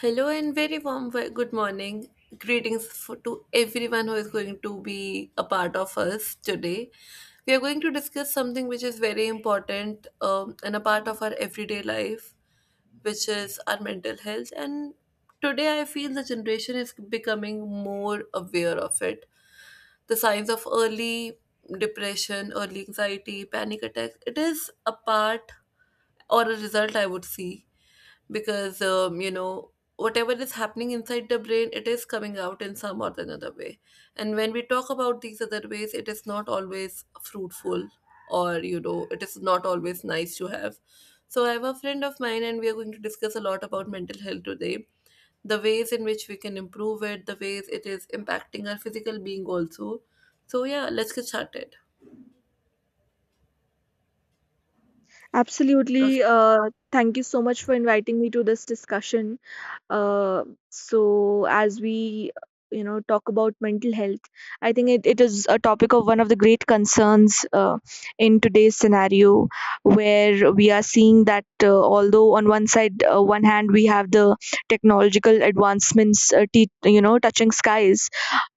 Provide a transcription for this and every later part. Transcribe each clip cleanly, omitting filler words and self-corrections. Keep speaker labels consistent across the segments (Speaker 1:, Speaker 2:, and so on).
Speaker 1: Hello and very good morning. Greetings to everyone who is going to be a part of us today. We are going to discuss something which is very important and a part of our everyday life, which is our mental health. And today I feel the generation is becoming more aware of it. The signs of early depression, early anxiety, panic attacks, it is a part or a result, I would see because whatever is happening inside the brain, it is coming out in some or the another way. And when we talk about these other ways, it is not always fruitful, or it is not always nice to have. So I have a friend of mine and we are going to discuss a lot about mental health today, the ways in which we can improve it, the ways it is impacting our physical being also. So yeah, let's get started. Okay.
Speaker 2: Absolutely. Thank you so much for inviting me to this discussion. Uh, so as we you know talk about mental health, I think it is a topic of one of the great concerns in today's scenario, where we are seeing that although on one side, one hand, we have the technological advancements, touching skies.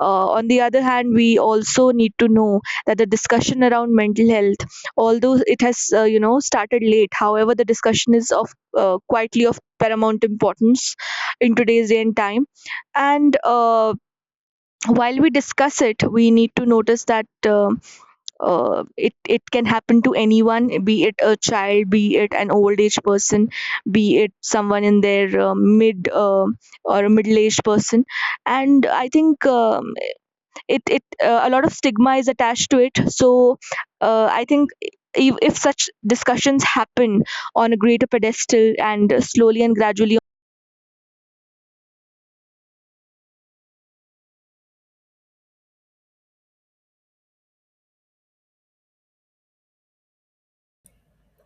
Speaker 2: On the other hand, we also need to know that the discussion around mental health, although it has started late, however the discussion is of quietly of paramount importance in today's day and time. And while we discuss it, we need to notice that it can happen to anyone, be it a child, be it an old age person, be it someone in their mid or a middle aged person. And i think um, it, it uh, a lot of stigma is attached to it. So I think if such discussions happen on a greater pedestal, and slowly and gradually,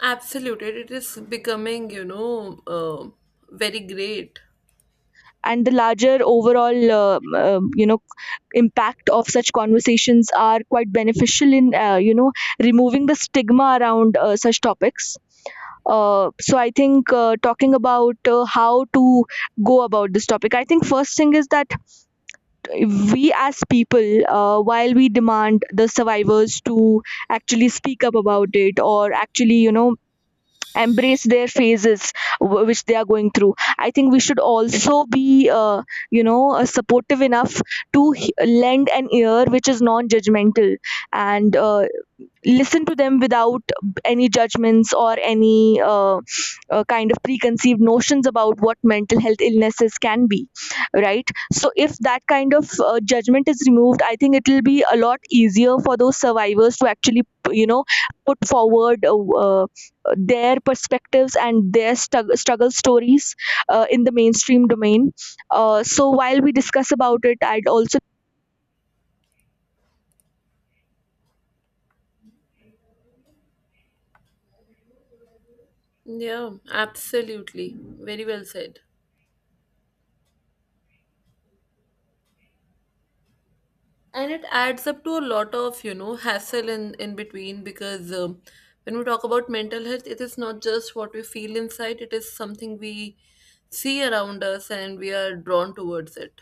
Speaker 1: Absolutely, it is becoming very great.
Speaker 2: and the larger overall impact of such conversations are quite beneficial in removing the stigma around such topics. So I think, talking about how to go about this topic, I think first thing is that we as people, while we demand the survivors to actually speak up about it, or actually, you know, embrace their phases which they are going through, I think we should also be supportive enough to lend an ear which is non judgmental, and listen to them without any judgments or any kind of preconceived notions about what mental health illnesses can be, right? So if that kind of judgment is removed, I think it will be a lot easier for those survivors to actually, you know, put forward their perspectives and their struggle stories in the mainstream domain. So while we discuss about it, I'd also.
Speaker 1: Yeah, absolutely. Very well said. And it adds up to a lot of, hassle in between because when we talk about mental health, it is not just what we feel inside, it is something we see around us and we are drawn towards it.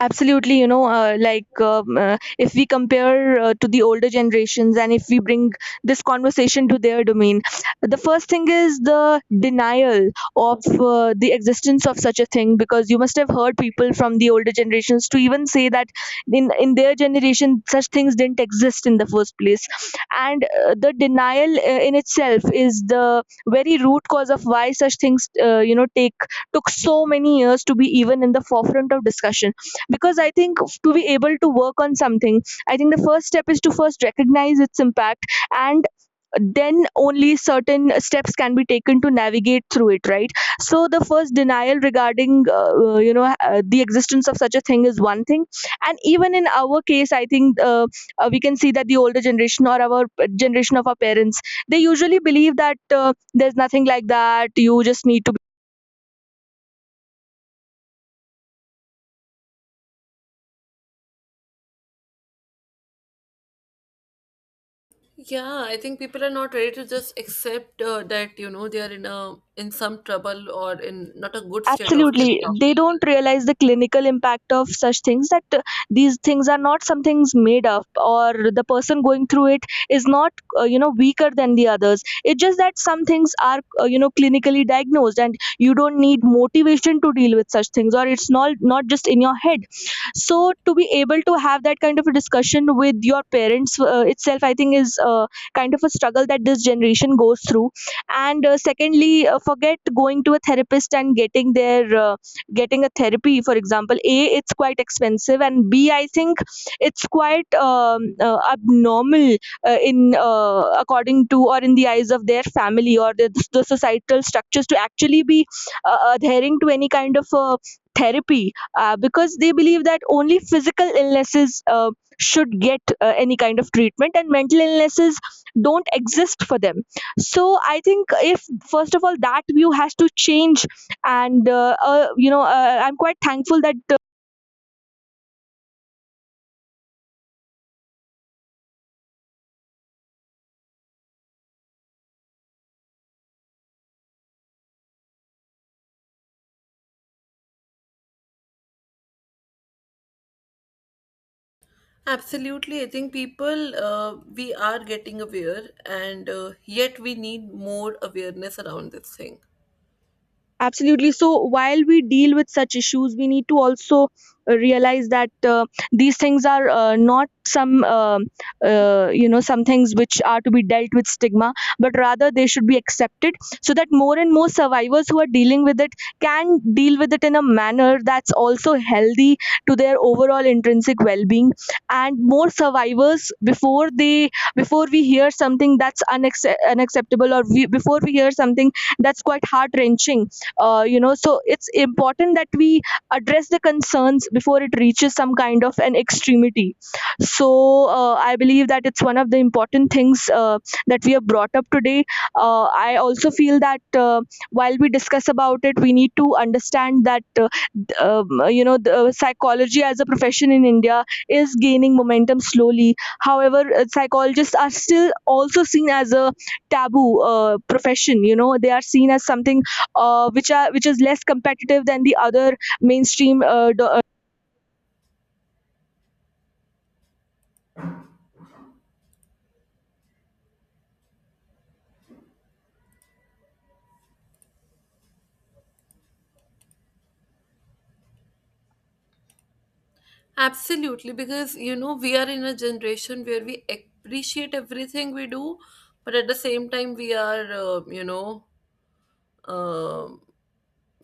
Speaker 2: Absolutely, you know, if we compare, to the older generations, and if we bring this conversation to their domain, the first thing is the denial of the existence of such a thing, because you must have heard people from the older generations to even say that in their generation such things didn't exist in the first place. And the denial in itself is the very root cause of why such things, take took so many years to be even in the forefront of discussion, because I think to be able to work on something, I think the first step is to first recognize its impact, and then only certain steps can be taken to navigate through it, right? So the first denial regarding the existence of such a thing is one thing. And even in our case, I think we can see that the older generation, or our generation of our parents, they usually believe that there's nothing like that, you just need to.
Speaker 1: Yeah, I think people are not ready to just accept that, they are in a in some trouble or in not a good state of their
Speaker 2: Absolutely.
Speaker 1: health.
Speaker 2: They don't realize the clinical impact of such things, that these things are not some things made up, or the person going through it is not, weaker than the others. It's just that some things are, clinically diagnosed, and you don't need motivation to deal with such things, or it's not just in your head. So to be able to have that kind of a discussion with your parents itself, I think, is kind of a struggle that this generation goes through. And secondly, forget going to a therapist and getting their getting a therapy, for example, A, it's quite expensive, and B, I think it's quite abnormal in, according to, or in the eyes of their family, or the societal structures, to actually be adhering to any kind of therapy, because they believe that only physical illnesses should get any kind of treatment, and mental illnesses don't exist for them. So I think, if first of all, that view has to change. And I'm quite thankful that.
Speaker 1: Absolutely. I think people, we are getting aware, and yet we need more awareness around this thing.
Speaker 2: Absolutely. So while we deal with such issues, we need to also realize that these things are not some some things which are to be dealt with stigma, but rather they should be accepted, so that more and more survivors who are dealing with it can deal with it in a manner that's also healthy to their overall intrinsic well-being. And more survivors before they, before we hear something that's unacceptable, or we, before we hear something that's quite heart wrenching, so it's important that we address the concerns before it reaches some kind of an extremity. So I believe that it's one of the important things that we have brought up today. I also feel that while we discuss about it, we need to understand that the psychology as a profession in India is gaining momentum slowly. However, psychologists are still also seen as a taboo profession, you know, they are seen as something which is less competitive than the other mainstream
Speaker 1: Absolutely, because we are in a generation where we appreciate everything we do, but at the same time, we are, um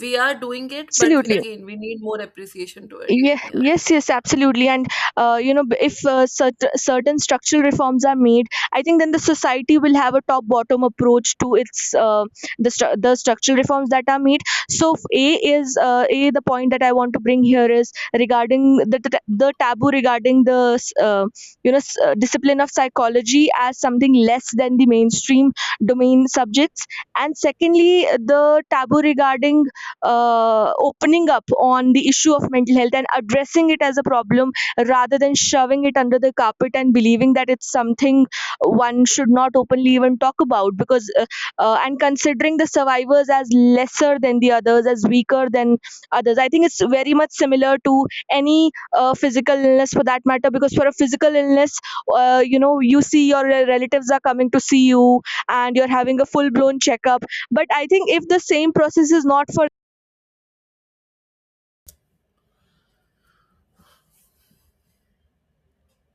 Speaker 1: we are doing it, but
Speaker 2: absolutely.
Speaker 1: again, we need more appreciation to it.
Speaker 2: Yeah,
Speaker 1: Yeah.
Speaker 2: yes, absolutely. And if certain structural reforms are made, I think then the society will have a top bottom approach to its the, the structural reforms that are made. So A is a, the point that I want to bring here is regarding the taboo regarding the discipline of psychology as something less than the mainstream domain subjects. And secondly, the taboo regarding opening up on the issue of mental health, and addressing it as a problem rather than shoving it under the carpet, and believing that it's something one should not openly even talk about, because and considering the survivors as lesser than the others, as weaker than others, I think it's very much similar to any physical illness, for that matter, because for a physical illness, you see your relatives are coming to see you and you're having a full blown checkup. But I think if the same process is not for.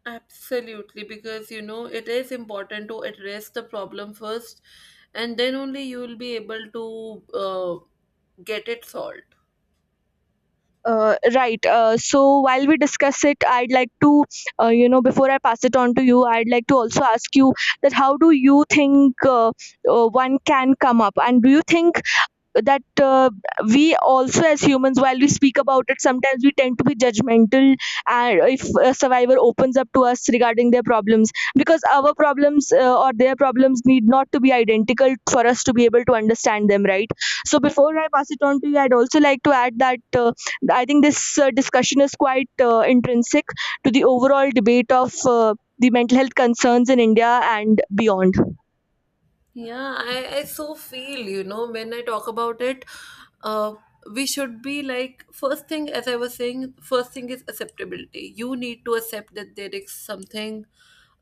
Speaker 1: Absolutely, because it is important to address the problem first, and then only you will be able to get it solved.
Speaker 2: Right. So while we discuss it, I'd like to, before I pass it on to you, I'd like to also ask you that, how do you think, one can come up, and do you think that we also, as humans, while we speak about it, sometimes we tend to be judgmental, and if a survivor opens up to us regarding their problems, because our problems, or their problems, need not to be identical for us to be able to understand them, right? So before I pass it on to you, I'd also like to add that I think this discussion is quite intrinsic to the overall debate of the mental health concerns in India and beyond.
Speaker 1: Yeah, I so feel, when I talk about it, uh, we should be like, first thing, as I was saying, first thing is acceptability. You need to accept that there is something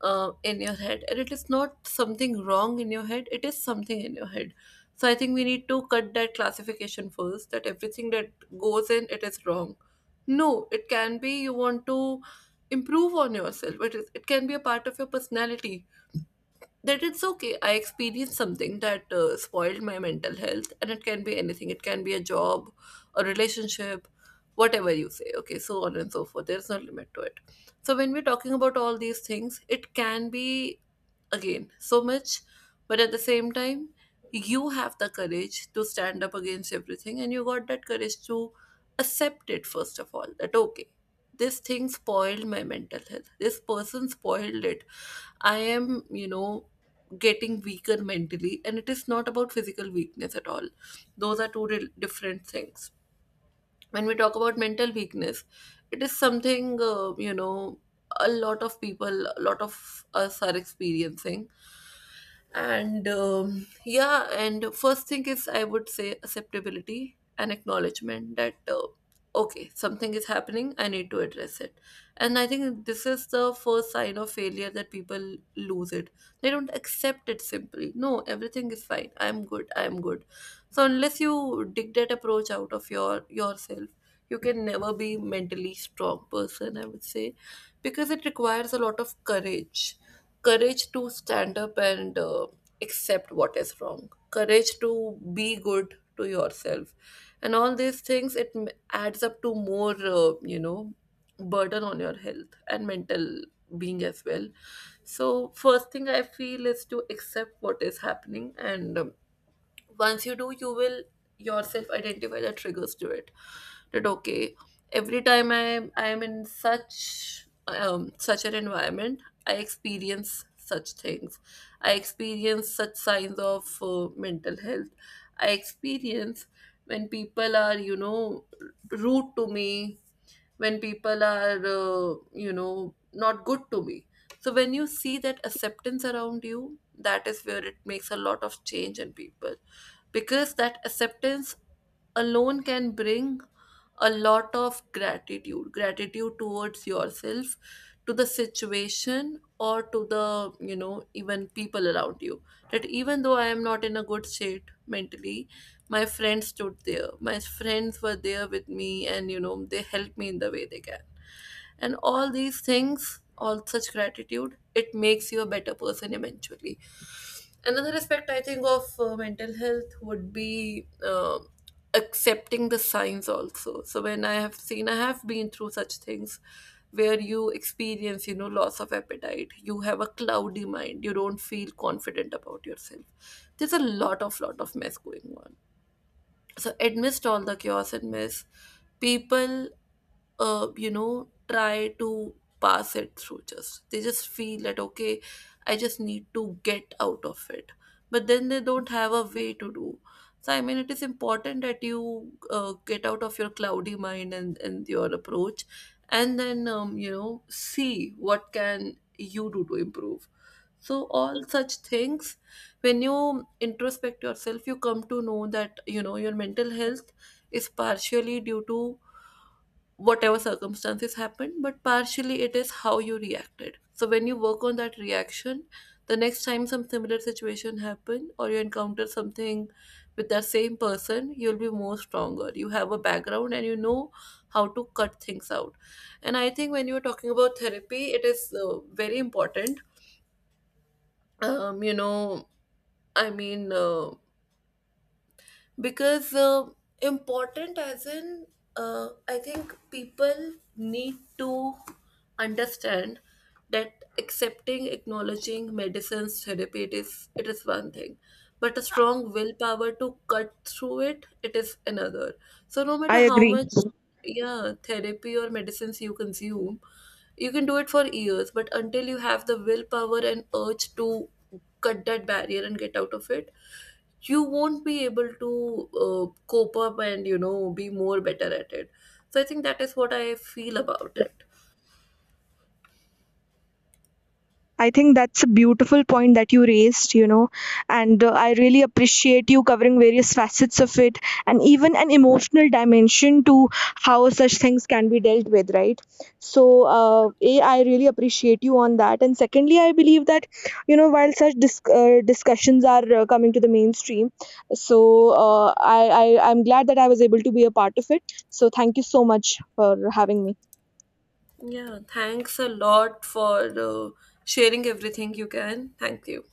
Speaker 1: in your head, and it is not something wrong in your head, it is something in your head. So I think we need to cut that classification first, that everything that goes in, it is wrong. No, it can be you want to improve on yourself, it can be a part of your personality, that it's okay. I experienced something that spoiled my mental health, and it can be anything. It can be a job, a relationship, whatever you say. Okay, so on and so forth. There's no limit to it. So when we're talking about all these things, it can be again so much, but at the same time, you have the courage to stand up against everything, and you got that courage to accept it first of all. That okay, this thing spoiled my mental health. This person spoiled it. I am, getting weaker mentally, and it is not about physical weakness at all. Those are different things. When we talk about mental weakness, it is something, a lot of people, a lot of us are experiencing. And yeah, and first thing is, I would say, acceptability and acknowledgement that okay, something is happening, I need to address it. And I think this is the first sign of failure, that people lose it, they don't accept it simply. No, everything is fine, I'm good, I'm good. So unless you dig that approach out of your yourself, you can never be mentally strong person, I would say. Because it requires a lot of courage. Courage to stand up and accept what is wrong. Courage to be good to yourself. And all these things, adds up to more burden on your health and mental being as well. So first thing I feel is to accept what is happening. And once you do, you will yourself identify the triggers to it. That okay, every time I am in such an environment, I experience such things, I experience such signs of mental health, I experience when people are, rude to me, when people are, not good to me. So when you see that acceptance around you, that is where it makes a lot of change in people. Because that acceptance alone can bring a lot of gratitude. Gratitude towards yourself, to the situation, or to the, even people around you. That even though I am not in a good state mentally, my friends stood there. My friends were there with me, and they helped me in the way they can. And all these things, all such gratitude, it makes you a better person eventually. Another aspect I think of mental health would be. Accepting the signs also. So when I have seen, I have been through such things where you experience, loss of appetite, you have a cloudy mind, you don't feel confident about yourself. There's a lot of mess going on. So amidst all the chaos and mess, people, try to pass it through just. They just feel that, okay, I just need to get out of it. But then they don't have a way to do. So, I mean, it is important that you get out of your cloudy mind and your approach, and then, see what can you do to improve. So, all such things, when you introspect yourself, you come to know that, your mental health is partially due to whatever circumstances happened, but partially it is how you reacted. So when you work on that reaction, the next time some similar situation happen, or you encounter something with that same person, you'll be more stronger. You have a background and you know how to cut things out. And I think when you're talking about therapy, it is very important. Um, you know, I mean, uh, because important as in I think people need to understand that accepting, acknowledging, medicines, therapy, it is one thing, but a strong willpower to cut through it, it is another. So no matter
Speaker 2: I
Speaker 1: how
Speaker 2: agree.
Speaker 1: much, yeah, therapy or medicines you consume, you can do it for years, but until you have the willpower and urge to cut that barrier and get out of it, you won't be able to cope up, and be more better at it. So I think that is what I feel about it.
Speaker 2: I think that's a beautiful point that you raised, you know, and I really appreciate you covering various facets of it, and even an emotional dimension to how such things can be dealt with, right? So, A, I really appreciate you on that. And secondly, I believe that, you know, while such discussions are coming to the mainstream, so I'm glad that I was able to be a part of it. So, thank you so much for having me.
Speaker 1: Yeah, thanks a lot for uh, sharing everything you can. Thank you.